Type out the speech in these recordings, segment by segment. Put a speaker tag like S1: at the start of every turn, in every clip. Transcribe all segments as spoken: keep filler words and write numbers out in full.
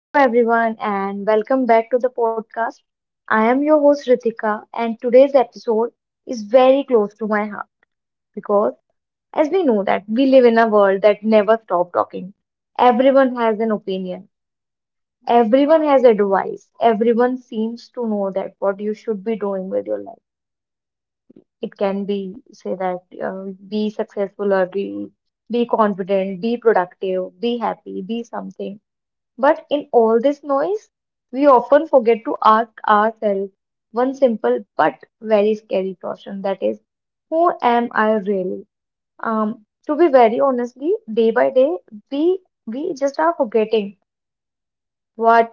S1: Hello, everyone, and welcome back to the podcast. I am your host Ritika, and today's episode is very close to my heart because, as we know, that we live in a world that never stops talking. Everyone has an opinion, everyone has advice, everyone seems to know that what you should be doing with your life. It can be say that uh, be successful or be be confident, be productive, be happy, be something. But in all this noise, we often forget to ask ourselves one simple but very scary question, that is, who am I really? Um, to be very honestly, day by day, we we just are forgetting what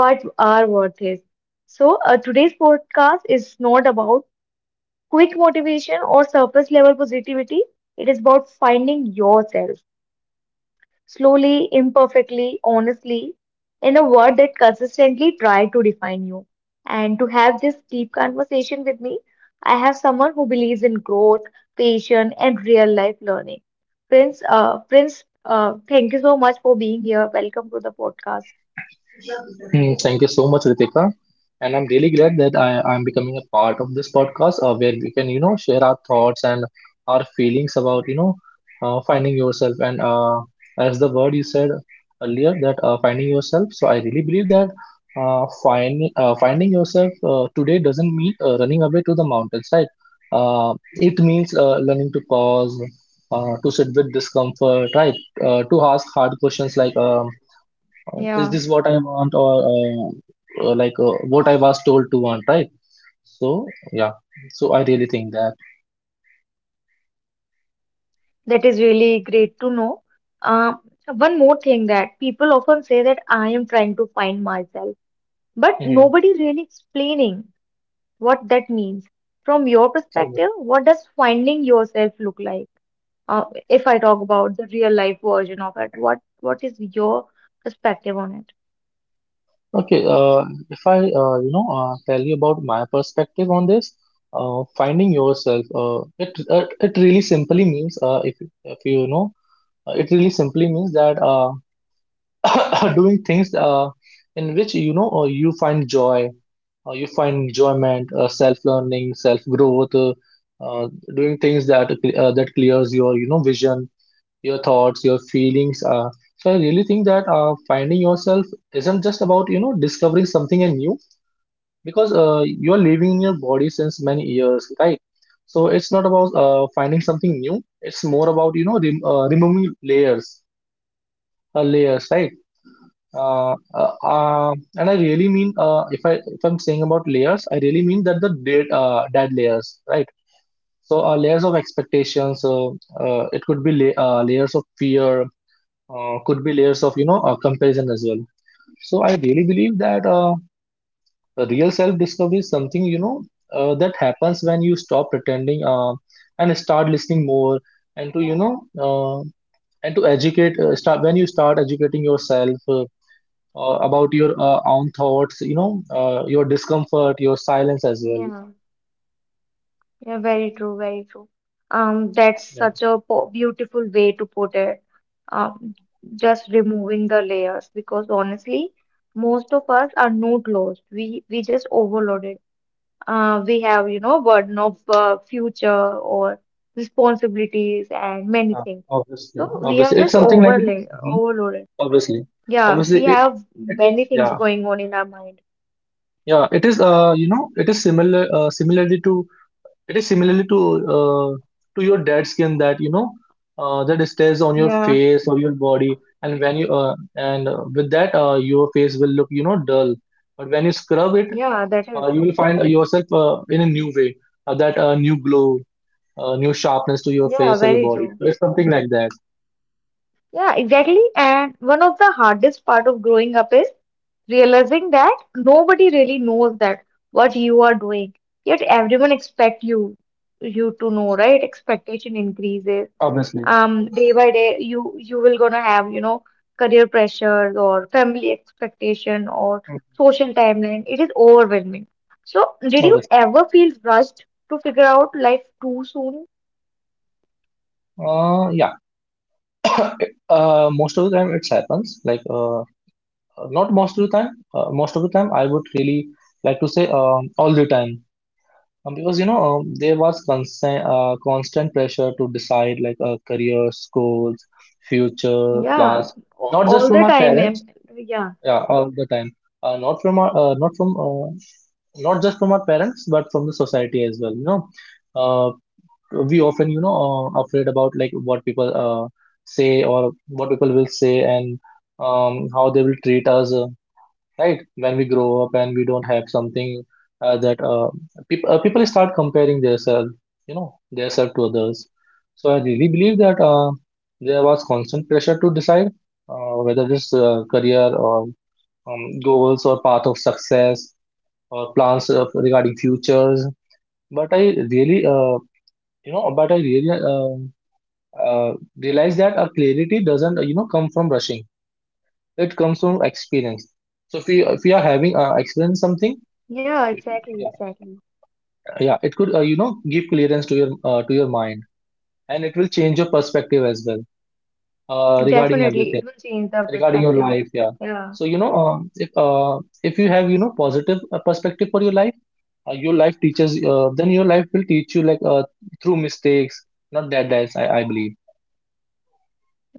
S1: what our worth is. So uh, today's podcast is not about quick motivation or surface level positivity. It is about finding yourself slowly, imperfectly, honestly, in a word that consistently tried to define you. And to have this deep conversation with me, I have someone who believes in growth, patience, and real life learning. Prince, uh, Prince, uh, thank you so much for being here. Welcome to the podcast.
S2: Mm, Thank you so much, Ritika. And I'm really glad that I, I'm becoming a part of this podcast uh, where we can, you know, share our thoughts and our feelings about, you know, uh, finding yourself. And uh, as the word you said earlier, that uh, finding yourself. So I really believe that uh, find, uh, finding yourself uh, today doesn't mean uh, running away to the mountains, right? Uh, it means uh, learning to pause, uh, to sit with discomfort, right? Uh, to ask hard questions like, um, is
S1: Yeah.
S2: this what I want or uh, uh, like uh, what I was told to want, right? So yeah, so I really think that.
S1: That is really great to know. Um, one more thing that people often say that I am trying to find myself, but
S2: Mhm.
S1: nobody really explaining what that means. From your perspective, what does finding yourself look like? Uh, if I talk about the real life version of it, what what is your perspective on it?
S2: Okay, uh, if I uh, you know uh, tell you about my perspective on this, uh, finding yourself, uh, it uh, it really simply means uh, if if you know, uh, it really simply means that uh, doing things uh, in which you know uh, you find joy. Uh, you find enjoyment, uh, self-learning, self-growth, uh, uh, doing things that uh, that clears your you know vision, your thoughts, your feelings. Uh, so I really think that uh, finding yourself isn't just about you know discovering something new because uh, you are living in your body since many years, right? So it's not about uh, finding something new. It's more about you know rem- uh, removing layers, uh, layers, right? Uh, uh, uh, and I really mean uh, if I if I'm saying about layers, I really mean that the dead uh, dead layers, right? So uh, layers of expectations. Uh, uh, it could be la- uh, layers of fear. Uh, could be layers of you know uh, comparison as well. So I really believe that uh, the real self discovery is something you know uh, that happens when you stop pretending uh, and start listening more and to you know uh, and to educate uh, start when you start educating yourself. Uh, uh, about your uh, own thoughts, you know, uh, your discomfort, your silence as well.
S1: Yeah, yeah, very true, very true. Um, that's
S2: Yeah.
S1: such a po beautiful way to put it. Um, just removing the layers because honestly, most of us are not lost. We we just overloaded. Uh, we have, you know, burden of uh, future or responsibilities and many
S2: Uh,
S1: things.
S2: obviously,
S1: So we are
S2: obviously, it's
S1: just
S2: something like
S1: overlay
S2: Mhm.
S1: overloaded.
S2: obviously,
S1: Yeah,
S2: obviously
S1: we
S2: it
S1: have
S2: it
S1: many
S2: is
S1: things
S2: yeah,
S1: going on in our mind.
S2: yeah, it is uh you know it is similar uh, similarly to it is similarly to uh, to your dead skin that you know uh, that stays on your
S1: Yeah,
S2: face or your body, and when you uh, and uh, with that uh, your face will look you know dull, but when you scrub it
S1: yeah, that is.
S2: uh, you will find yourself uh, in a new way, uh, that uh, new glow, uh, new sharpness to your
S1: Yeah,
S2: face or your
S1: very
S2: body.
S1: true.
S2: So it's something like that.
S1: Yeah, exactly. And one of the hardest part of growing up is realizing that nobody really knows that what you are doing. Yet everyone expect you you to know, right? Expectation increases
S2: Obviously.
S1: um day by day you you will gonna have you know career pressures or family expectation or
S2: Mm.
S1: social timeline. It is overwhelming. So did you
S2: Obviously.
S1: ever feel rushed to figure out life too soon?
S2: Uh, yeah. Uh, most of the time it happens. Like, uh, not most of the time. Uh, most of the time, I would really like to say um, all the time. Um, because, you know, um, there was constant, uh, constant pressure to decide like uh, career, goals, future
S1: Yeah,
S2: plans.
S1: a-
S2: Not just
S1: all
S2: from
S1: the
S2: our
S1: time,
S2: parents.
S1: ma'am. Yeah,
S2: Yeah, all the time. Uh, not from our, uh, not from, uh, Not just from our parents, but from the society as well. You know, Uh, we often you know uh, afraid about like what people uh, say or what people will say, and um, how they will treat us uh, right when we grow up and we don't have something uh, that uh, peop- uh, people start comparing themselves you know themselves to others. So I really believe that uh, there was constant pressure to decide uh, whether this uh, career or um, goals or path of success or plans of, regarding futures. But i really uh, you know but I really um uh, realize that our clarity doesn't you know come from rushing, it comes from experience. So if you if you are having uh, experienced something,
S1: yeah, exactly,
S2: yeah,
S1: exactly.
S2: yeah, it could uh, you know give clearance to your uh, to your mind, and it will change your perspective as well, uh, regarding
S1: Definitely
S2: everything,
S1: it will change the
S2: regarding your
S1: perspective.
S2: life. Yeah.
S1: Yeah.
S2: So you know um, if uh, if you have you know positive uh, perspective for your life, uh, your life teaches uh, then your life will teach you like uh, through mistakes, not that, that's I, I believe.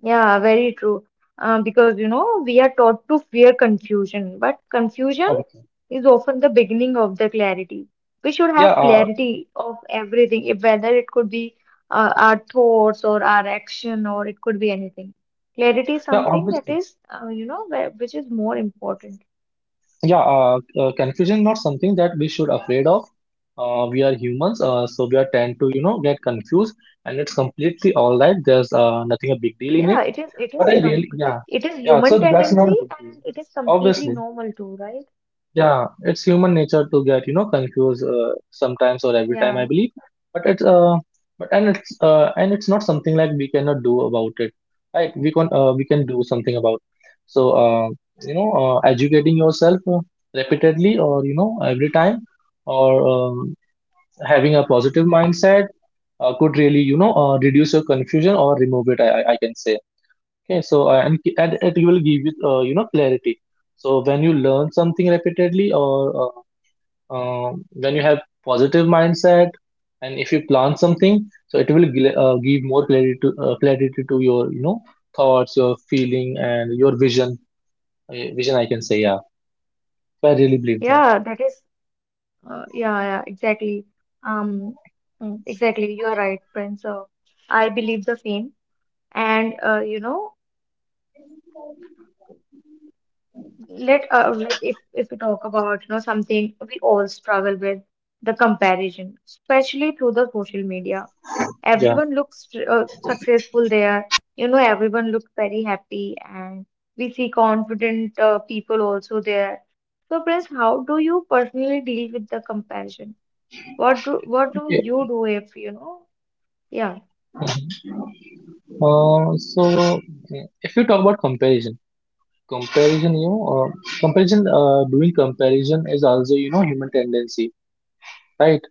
S1: Yeah, very true. Uh, because you know, we are taught to fear confusion, but confusion
S2: Okay.
S1: is often the beginning of the clarity. We should
S2: Yeah.
S1: have
S2: Uh,
S1: clarity of everything, if whether it could be uh, our thoughts or our action, or it could be anything. Clarity is
S2: yeah,
S1: something that
S2: obviously.
S1: is, uh, you know, where, which is more important.
S2: Yeah, uh, uh, Confusion is not something that we should afraid of. Uh, we are humans, uh, so we are tend to you know get confused, and it's completely all right. There's uh, nothing a big deal in
S1: Yeah,
S2: it.
S1: it is. It
S2: But
S1: is
S2: I
S1: com
S2: really, yeah,
S1: it is
S2: yeah.
S1: human
S2: So that's not
S1: tendency,
S2: a big deal,
S1: and it is completely
S2: obviously.
S1: normal too, right?
S2: Yeah, it's human nature to get you know confused uh, sometimes or every time I
S1: Yeah.
S2: believe, but it's uh, but and it's uh, and it's not something like we cannot do about it, right? We can uh, we can do something about. So uh, you know, uh, educating yourself uh, repeatedly or you know every time, or um, having a positive mindset uh, could really you know uh, reduce your confusion or remove it. I I I can say. Okay, so uh, and and it will give you uh, you know clarity. So when you learn something repeatedly or uh, um, when you have positive mindset, and if you plan something, so it will gl- uh, give more clarity to uh, clarity to your you know thoughts, your feeling, and your vision uh, vision, I can say. Yeah, so I really believe that,
S1: Yeah, that is, uh, yeah, yeah, exactly. Um, mm, exactly, you are right, Prince. Uh, I believe the same. And uh, you know, let uh, let if if we talk about you know something we all struggle with, the comparison, especially through the social media.
S2: yeah.
S1: Everyone looks uh, successful there. You know, everyone looks very happy, and we see confident uh, people also there. So, Prince, how do you personally deal with the comparison? What do what do
S2: Yeah.
S1: you do if you know? Yeah,
S2: Mm-hmm. Uh, so uh, if you talk about comparison comparison, you know uh, comparison uh, doing comparison is also you know human tendency, right?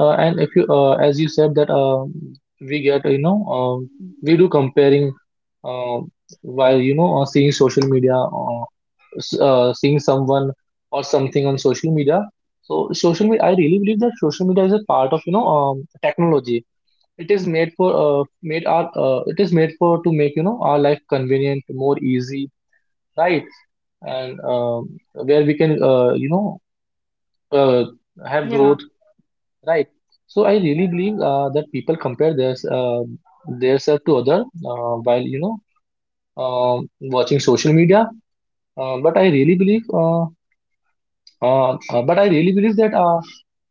S2: Uh, and if you, uh, as you said that um we get, you know, um we do comparing uh, while you know uh, seeing social media, uh, s- uh, seeing someone or something on social media. So social media, I really believe that social media is a part of you know um, technology. It is made for uh, made our uh, it is made for to make you know our life convenient, more easy, right? And um where we can uh, you know uh, have growth.
S1: yeah,
S2: Right. So I really believe uh, that people compare their uh, their self to other uh, while you know um watching social media. Uh, but I really believe, uh, uh, uh, but I really believe that uh,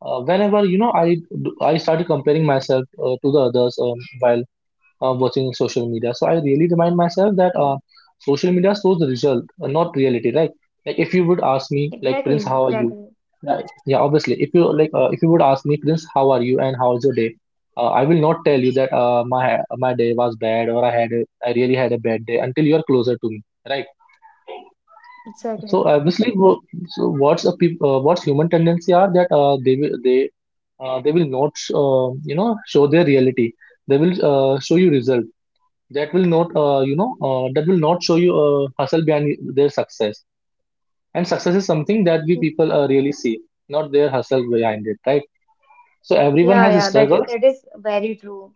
S2: uh, whenever you know I do- I started comparing myself uh, to the others um, while uh, watching social media. So I really remind myself that uh, social media shows the result, uh, not reality, right? Like if you would ask me, like Prince,
S1: exactly,
S2: how are you?
S1: exactly,
S2: Yeah, yeah, obviously. If you like, uh, if you would ask me, Prince, how are you and how's your day? Uh, I will not tell you that uh, my my day was bad or I had a, I really had a bad day until you are closer to me, right? So
S1: exactly.
S2: obviously, wo- so what's a peop- uh, what's human tendency are that uh, they will they uh, they will not uh, you know show their reality. They will uh, show you result that will not uh, you know uh, that will not show you uh, hustle behind their success, and success is something that we
S1: Mm,
S2: people uh, really see, not their hustle behind it, right? So everyone
S1: yeah,
S2: has
S1: yeah, that i-
S2: struggles.
S1: that is very true.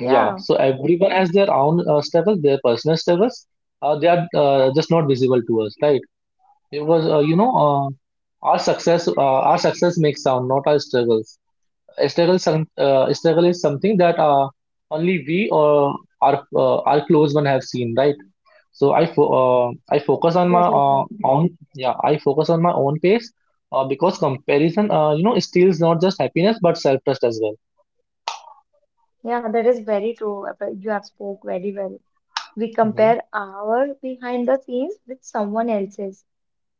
S2: Yeah, so everyone has their own uh, struggles, their personal struggles, uh, they are uh, just not visible to us, right? Because uh, you know uh, our success uh, our success makes sound, not our struggles. A struggle some uh, Struggle is something that uh, only we or our uh, our close one have seen, right? So I fo uh, I focus on my
S1: exactly.
S2: uh,
S1: Priyanka.
S2: own yeah, I focus on my own pace uh, because comparison uh, you know steals not just happiness but self-trust as well.
S1: Yeah, that is very true. Uh, but you have spoke very well. We
S2: Hmm.
S1: compare our behind the scenes with someone else's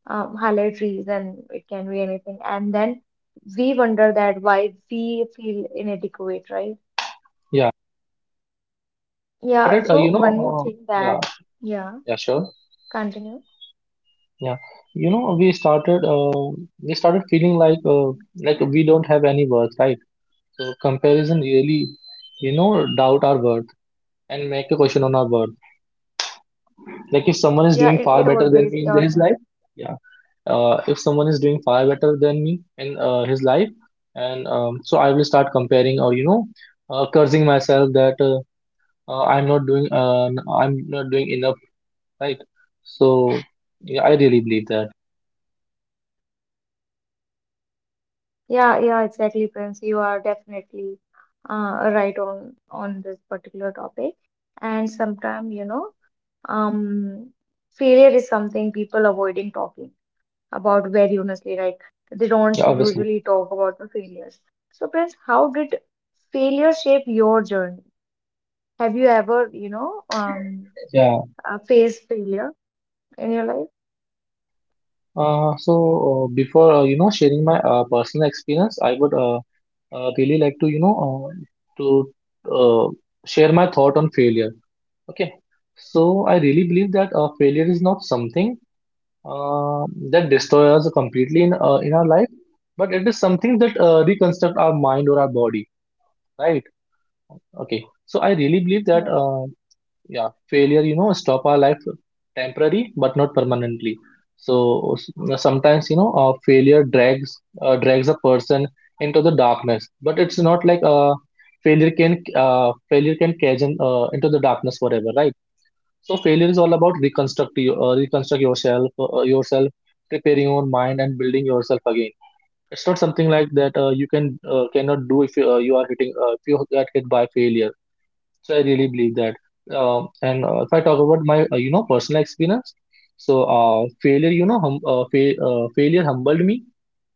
S1: um, highlight reels, and it can be anything. And then we wonder that why we feel inadequate, right?
S2: Yeah, we
S1: Yeah.
S2: started uh,
S1: So
S2: you know
S1: one more
S2: uh,
S1: thing that
S2: yeah,
S1: yeah,
S2: yeah sure,
S1: continue.
S2: yeah, you know we started uh, we started feeling like uh, like we don't have any worth, right. So comparison really you know doubt our worth and make a question on our worth. Like if someone is
S1: Yeah,
S2: doing
S1: it,
S2: far
S1: it
S2: better than
S1: always
S2: me in
S1: does.
S2: his life. Yeah. Uh, if someone is doing far better than me in uh, his life, and um, so I will start comparing or you know uh, cursing myself that uh, uh, i'm not doing uh, I'm not doing enough, right? So yeah, I really believe that.
S1: Yeah, yeah, exactly, Prince. You are definitely uh, right on on this particular topic. And sometimes, you know, um, failure is something people avoiding talking about very honestly, right? They
S2: Yeah,
S1: don't
S2: obviously.
S1: usually talk about the failures. So, Prince, how did failure shape your journey? Have you ever, you know, um,
S2: Yeah.
S1: uh, faced failure in your life?
S2: uh, so uh, Before uh, you know sharing my uh, personal experience, I would uh, uh, really like to you know uh, to uh, share my thought on failure. Okay. So I really believe that uh, failure is not something uh, that destroy us completely in uh, in our life, but it is something that uh, reconstruct our mind or our body, right? Okay, so I really believe that
S1: Yes,
S2: uh, yeah, failure you know stop our life temporary but not permanently. So s- sometimes you know uh, failure drags uh, drags a person into the darkness, but it's not like uh, failure can uh, failure can cage in, uh, into the darkness forever, right? So failure is all about reconstruct you, uh, reconstruct yourself, uh, uh, yourself, preparing your mind and building yourself again. It's not something like that uh, you can uh, cannot do if you, uh, you are hitting uh, if you get hit by failure. So I really believe that. Um and uh, If I talk about my uh, you know personal experience, so uh, failure you know hum, uh, fa- uh, failure humbled me.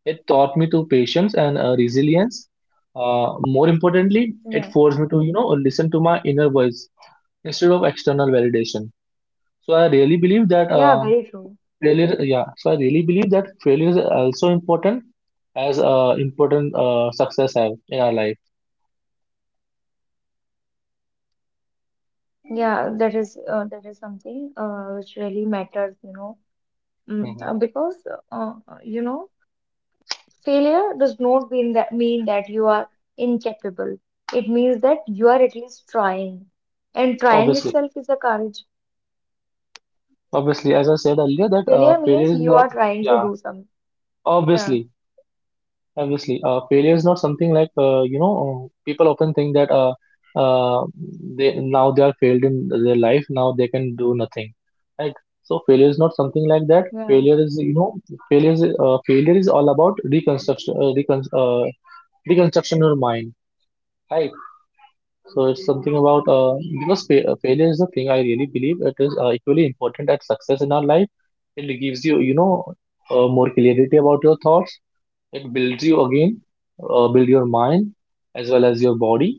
S2: It taught me to patience and uh, resilience. Uh, more importantly, it
S1: yeah,
S2: forced me to you know listen to my inner voice instead of external validation, so I really believe that
S1: yeah,
S2: um,
S1: very true.
S2: failure, yeah. So I really believe that failure is also important as uh, important uh, success have in our life.
S1: Yeah, that is uh, that is something uh, which really matters, you know. Mm,
S2: Hmm.
S1: uh, because uh, uh, you know, failure does not mean that mean that you are incapable. It means that you are at least trying, and trying
S2: Obviously,
S1: itself is a courage.
S2: obviously, as I said earlier, that uh,
S1: Failure
S2: failure
S1: means
S2: is
S1: you
S2: not,
S1: are trying to
S2: yeah,
S1: do something. Yeah,
S2: obviously, obviously, uh, failure is not something like uh, you know uh, people often think that uh, uh, they now they are failed in their life, now they can do nothing, right? So failure is not something like that.
S1: yeah,
S2: Failure is you know failure is uh, failure is all about reconstruction, uh, recon- uh, reconstruction your mind, right. So it's something about uh, because fa- uh, failure is the thing I really believe it is uh, equally important as success in our life. It gives you you know uh, more clarity about your thoughts. It builds you again, uh, build your mind as well as your body.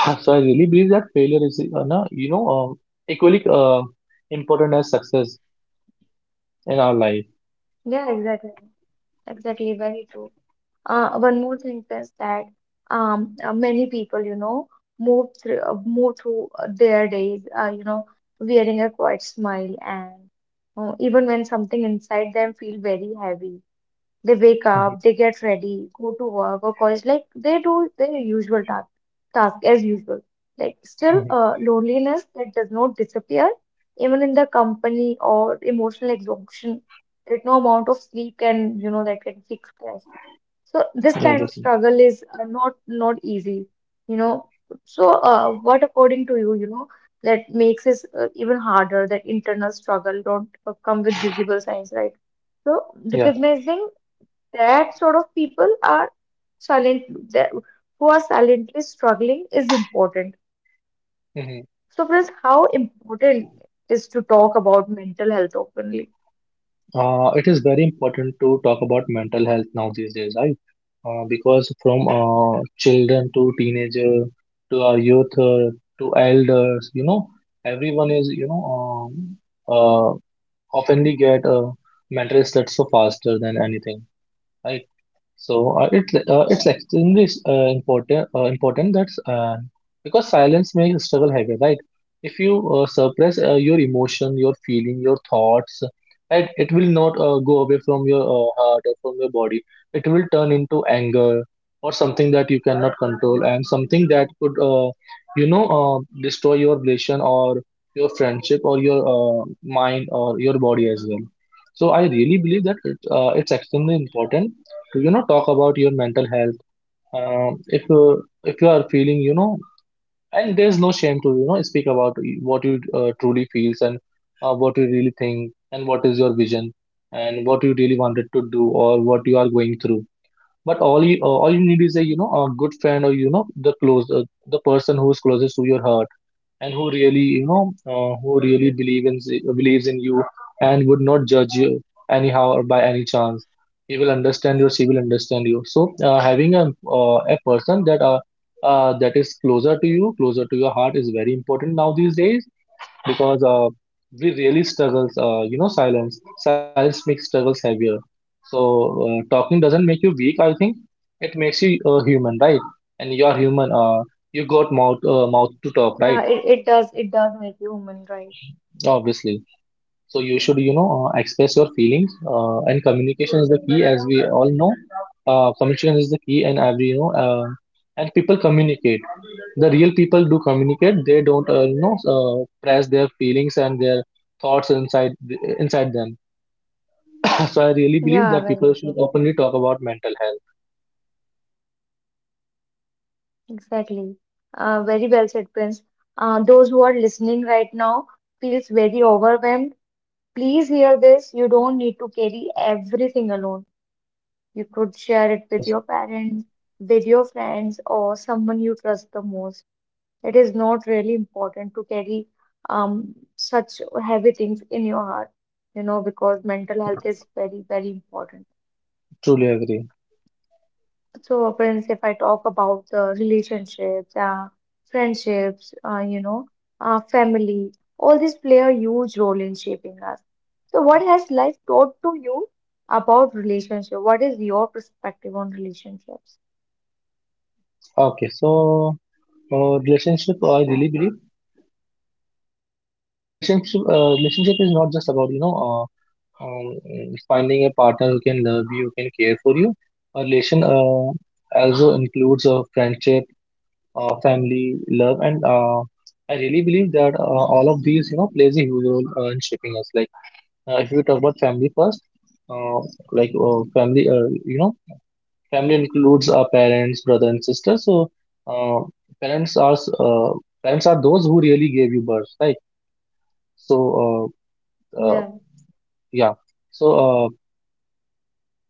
S2: So I really believe that failure is uh, no, you know uh, equally uh, important as success in our life.
S1: yeah. Exactly, exactly. Very true. Uh, one more thing is that um, uh, many people, you know, move through uh, move through uh, their days, uh, you know, wearing a quiet smile, and uh, even when something inside them feel very heavy. They wake up, they get ready, go to work or college, like they do their usual task, task as usual. Like still,
S2: Mhm.
S1: uh, loneliness that does not disappear, even in the company or emotional exhaustion that no amount of sleep can, you know, that can fix that. So this
S2: Mhm,
S1: kind of
S2: obviously.
S1: struggle is uh, not not easy, you know. So, uh, what according to you, you know, that makes it uh, even harder that internal struggle don't uh, come with visible signs, right? So,
S2: Yeah.
S1: recognizing that sort of people are silent, that- who are silently struggling is important.
S2: Mhm.
S1: So friends, how important is to talk about mental health openly?
S2: Uh, it is very important to talk about mental health now these days, right? Uh, because from uh, children to teenager to our youth uh, to elders, you know, everyone is, you know, um, uh, oftenly get uh, mental stress so faster than anything, right? So uh, it's uh, it's extremely uh, important uh, important that uh, because silence makes struggle heavier, right? If you uh, suppress uh, your emotion, your feeling, your thoughts, right, it will not uh, go away from your uh, heart or from your body. It will turn into anger or something that you cannot control and something that could uh, you know uh, destroy your relation or your friendship or your uh, mind or your body as well. So I really believe that it, uh, it's extremely important to you know talk about your mental health, um, if uh, if you are feeling, you know, and there's no shame to you know speak about what you uh, truly feels and uh, what you really think and what is your vision and what you really wanted to do or what you are going through, but all you uh, all you need is a, you know, a good friend or, you know, the close uh, the person who is closest to your heart and who really, you know, uh, who really believe in believes in you and would not judge you anyhow or by any chance. He will understand you, she will understand you. So uh, having a uh, a person that uh, uh, that is closer to you, closer to your heart is very important now these days, because uh, we really struggles uh, you know silence. Silence makes struggles heavier. So uh, talking doesn't make you weak. I think it makes you uh, human, right? And you are human, uh, you got mouth, uh, mouth to talk, right?
S1: Yeah, it, it does it does make you human, right?
S2: Obviously. So you should, you know, uh, express your feelings, uh, and communication is the key, as we all know. Uh, communication is the key, and every, you know, uh, and people communicate. The real people do communicate. They don't, uh, you know, uh, press their feelings and their thoughts inside inside them. So I really believe
S1: Yeah,
S2: that
S1: very
S2: people
S1: true,
S2: should openly talk about mental health.
S1: exactly. Uh, very well said, Prince. Uh, those who are listening right now feels very overwhelmed, please hear this: you don't need to carry everything alone. You could share it with
S2: Obviously,
S1: your parents, with your friends, or someone you trust the most. It is not really important to carry um, such heavy things in your heart, you know, because mental
S2: obviously,
S1: health is very, very important.
S2: truly agree.
S1: So, friends, if I talk about the relationships, uh, friendships, uh, you know, uh, family, all these play a huge role in shaping us. So, what has life taught to you about relationship? What is your perspective on relationships?
S2: Okay, so uh, relationship, I really believe. Uh, relationship, uh, relationship is not just about, you know, uh, um, finding a partner who can love you, who can care for you. A relation uh, also includes a friendship, uh, family, love, and uh, I really believe that uh, all of these, you know, plays a huge role uh, in shaping us. Like uh, if we talk about family first, uh, like uh, family, uh, you know, family includes our parents, brother, and sister. So uh, parents are s- uh, parents are those who really gave you birth, right? So uh, uh,
S1: Yeah,
S2: yeah. So uh,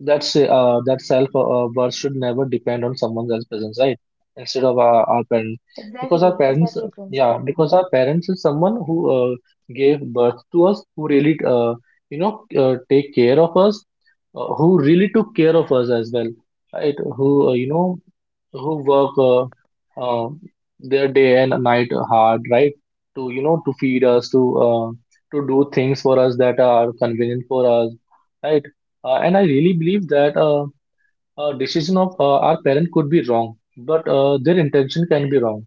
S2: that's uh, that self uh, uh, worth should never depend on someone else's presence, right? Instead of our, our parents, because our
S1: exactly,
S2: parents,
S1: exactly, Prince.
S2: yeah, because our parents is someone who uh, gave birth to us, who really uh, you know uh, take care of us, uh, who really took care of us as well, right? Who uh, you know who work uh, uh, their day and night hard, right? To, you know, to feed us, to uh, to do things for us that are convenient for us, right? Uh, and I really believe that uh, a decision of uh, our parent could be wrong, but uh, their intention can be wrong,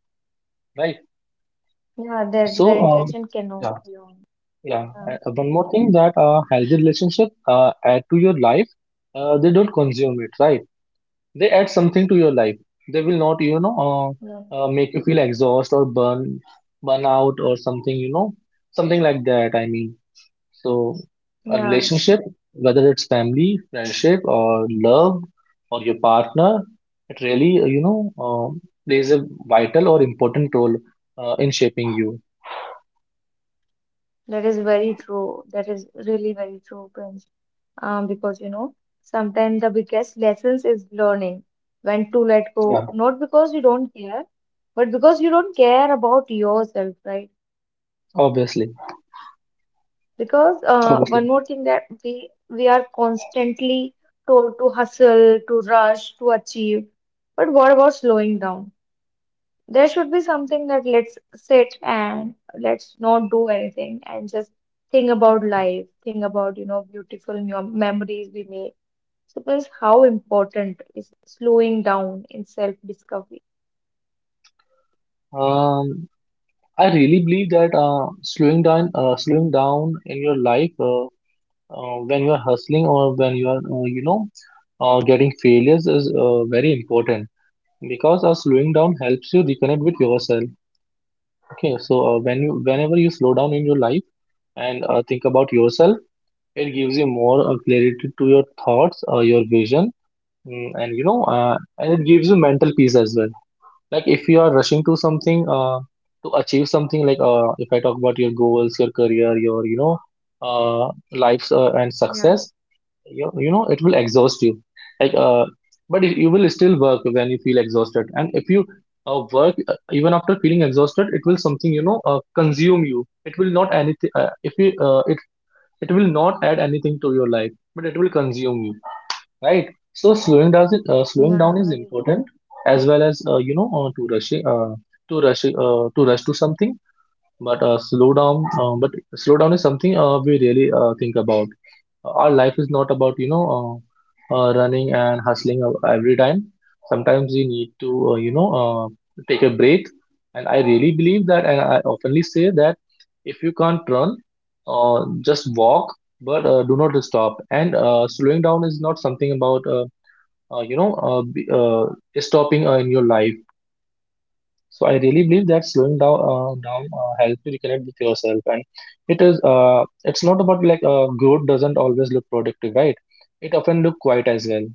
S2: right?
S1: Yeah, their
S2: So,
S1: their
S2: um,
S1: intention
S2: yeah,
S1: cannot be on.
S2: yeah. Uh, one more thing that uh, healthy relationship uh, add to your life, uh, they don't consume it, right? They add something to your life. They will not, you know uh,
S1: Yeah.
S2: uh, make you feel exhaust or burn burn out or something, you know, something like that, I mean. So a
S1: Yeah,
S2: relationship, whether it's family, friendship, or love, or your partner, it really uh, you know uh, plays a vital or important role uh, in shaping you.
S1: that is very true. That is really very true, Prince. Um, because you know, sometimes the biggest lessons is learning when to let go,
S2: Yeah,
S1: not because you don't care, but because you don't care about yourself, right?
S2: obviously,
S1: Because uh, one
S2: obviously.
S1: more thing that we we are constantly told to hustle, to rush, to achieve, but what about slowing down? There should be something that let's sit and let's not do anything and just think about life, think about, you know, beautiful mem- memories we make. So that's how important is slowing down in self-discovery.
S2: Um, I really believe that uh, slowing down uh, slowing down in your life uh, uh, when you are hustling or when you are uh, you know uh, getting failures is uh, very important, because uh, slowing down helps you reconnect with yourself. Okay, so uh, when you whenever you slow down in your life and uh, think about yourself, it gives you more uh, clarity to your thoughts, uh, your vision, mm, and, you know, uh, and it gives you mental peace as well. Like if you are rushing to something, uh, to achieve something, like uh, if I talk about your goals, your career, your, you know, uh, lives uh, and
S1: Yeah,
S2: success, you, you know it will exhaust you. like uh but you you will still work when you feel exhausted, and if you uh, work uh, even after feeling exhausted, it will something you know uh, consume you. It will not anything uh, if you uh, it it will not add anything to your life, but it will consume you, right? So slowing down is- uh, slowing down
S1: yeah,
S2: is
S1: very true.
S2: important as well as uh, you know uh, to rushing uh, to rush uh, to rush to something. But uh, slow down uh, but slow down is something uh, we really uh, think about. Our life is not about, you know, uh, uh, running and hustling ev- every time. Sometimes we need to, uh, you know uh, take a break. And I really believe that, and I oftenly say that, if you can't run, uh, just walk, but uh, do not stop. And uh, slowing down is not something about uh, uh, you know uh, b- uh, stopping uh, in your life. So I really believe that slowing down uh, down uh, helps you reconnect with yourself, and it is uh, it's not about like uh, growth doesn't always look productive, right? It often look quiet as well.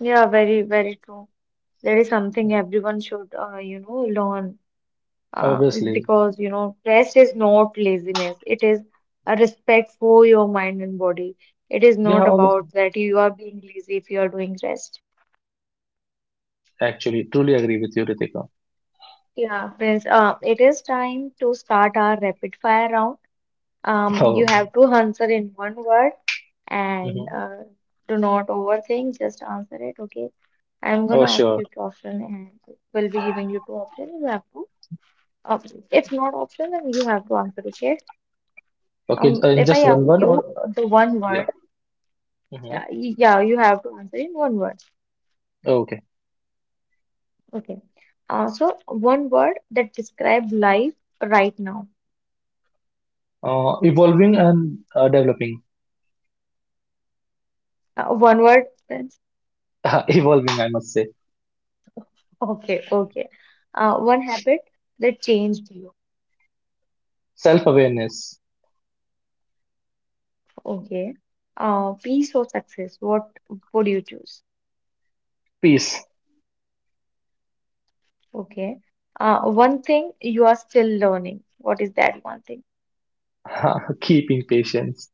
S1: Yeah, very, very true. That is something everyone should, uh, you know, learn uh,
S2: Obviously,
S1: because, you know, rest is not laziness. It is a respect for your mind and body. It is
S2: yeah,
S1: not
S2: obviously.
S1: about that you are being lazy if you are doing rest.
S2: Actually, truly agree with you, Ritika.
S1: Yeah, Prince, uh, it is time to start our rapid fire round. Um, you
S2: Oh,
S1: have to answer in one word, and
S2: mhm.
S1: uh, do not overthink, just answer it, okay? I'm
S2: Oh,
S1: gonna ask
S2: sure.
S1: you question and we'll be giving you two options. You have to, um, if not option, then you have to answer, okay?
S2: Okay,
S1: Um,
S2: uh, in
S1: if I
S2: just
S1: ask
S2: one word,
S1: you
S2: or
S1: uh, the one
S2: yeah.
S1: word, yeah,
S2: Hmm.
S1: y- yeah, you have to answer in one word,
S2: Okay.
S1: okay? Uh, so one word that describe life right now.
S2: Uh, evolving and uh, developing.
S1: Uh, one word.
S2: Evolving, I must say.
S1: Okay, okay. Uh, one habit that changed you.
S2: Self awareness.
S1: Okay. Uh, peace or success, what would you choose?
S2: Peace.
S1: Okay. Uh, one thing you are still learning. What is that one thing?
S2: Keeping patience.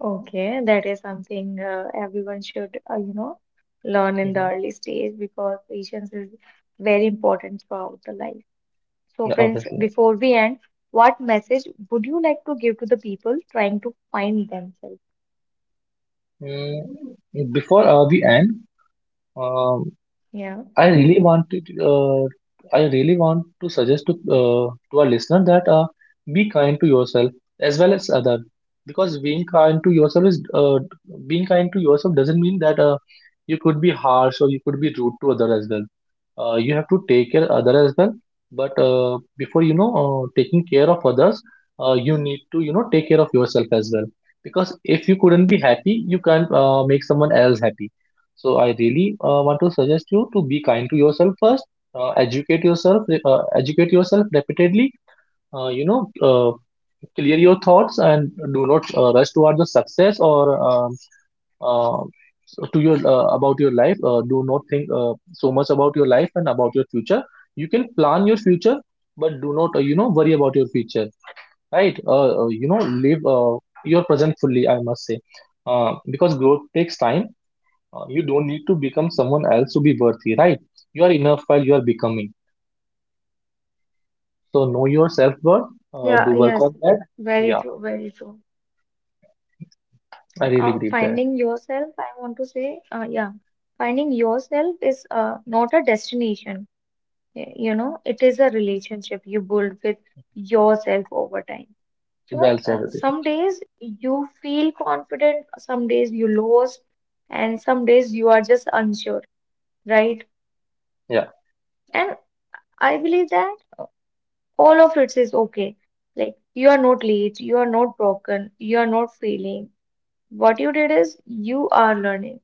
S1: Okay, that is something uh, everyone should, uh, you know, learn in the
S2: Hmm.
S1: early stage because patience is very important throughout the life. So, Prince,
S2: Obviously.
S1: before we end, what message would you like to give to the people trying to find themselves?
S2: Mm, before uh, the end, uh,
S1: Yeah.
S2: I really want to, uh, I really want to suggest to uh, to our listener that uh, be kind to yourself as well as other, because being kind to yourself is uh, being kind to yourself doesn't mean that uh, you could be harsh or you could be rude to other as well. Uh, you have to take care other as well, but uh, before you know uh, taking care of others, uh, you need to, you know, take care of yourself as well. Because if you couldn't be happy, you can't uh, make someone else happy, so I really uh, want to suggest you to be kind to yourself first. Uh, educate yourself. Uh, educate yourself repeatedly. Uh, you know, uh, clear your thoughts and do not uh, rush towards the success or um, uh, so to your uh, about your life. Uh, do not think uh, so much about your life and about your future. You can plan your future, but do not uh, you know worry about your future. Right? Uh, uh, you know, live uh, your present fully. I must say, uh, because growth takes time. Uh, you don't need to become someone else to be worthy, right? You are enough while you are becoming. So know your self worth. Uh,
S1: Yeah,
S2: do work
S1: yes,
S2: on that.
S1: very
S2: Yeah,
S1: true, very true.
S2: I really
S1: Uh,
S2: believe that.
S1: finding yourself, I want to say, uh, yeah, finding yourself is uh, not a destination. y- You know, it is a relationship you build with yourself over time. So,
S2: Well said,
S1: uh,
S2: Aditya.
S1: some days you feel confident, some days you lost, and some days you are just unsure, right?
S2: Yeah.
S1: And I believe that uh, all of it is okay. Like, you are not late, you are not broken, you are not failing. What you did is you are learning.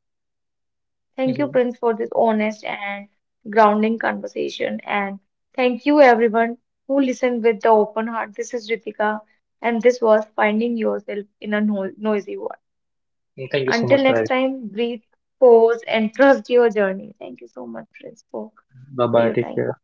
S1: Thank you,
S2: Hmm.
S1: Prince, for this honest and grounding conversation. And thank you, everyone who listened with the open heart. This is Ritika, and this was Finding Yourself in a No- Noisy World.
S2: Thank you so much
S1: Until
S2: for
S1: next
S2: that.
S1: time, breathe, pause, and trust your journey. Thank you so much, Prince, for,
S2: Bye
S1: for
S2: bye.
S1: your
S2: Take
S1: time.
S2: care.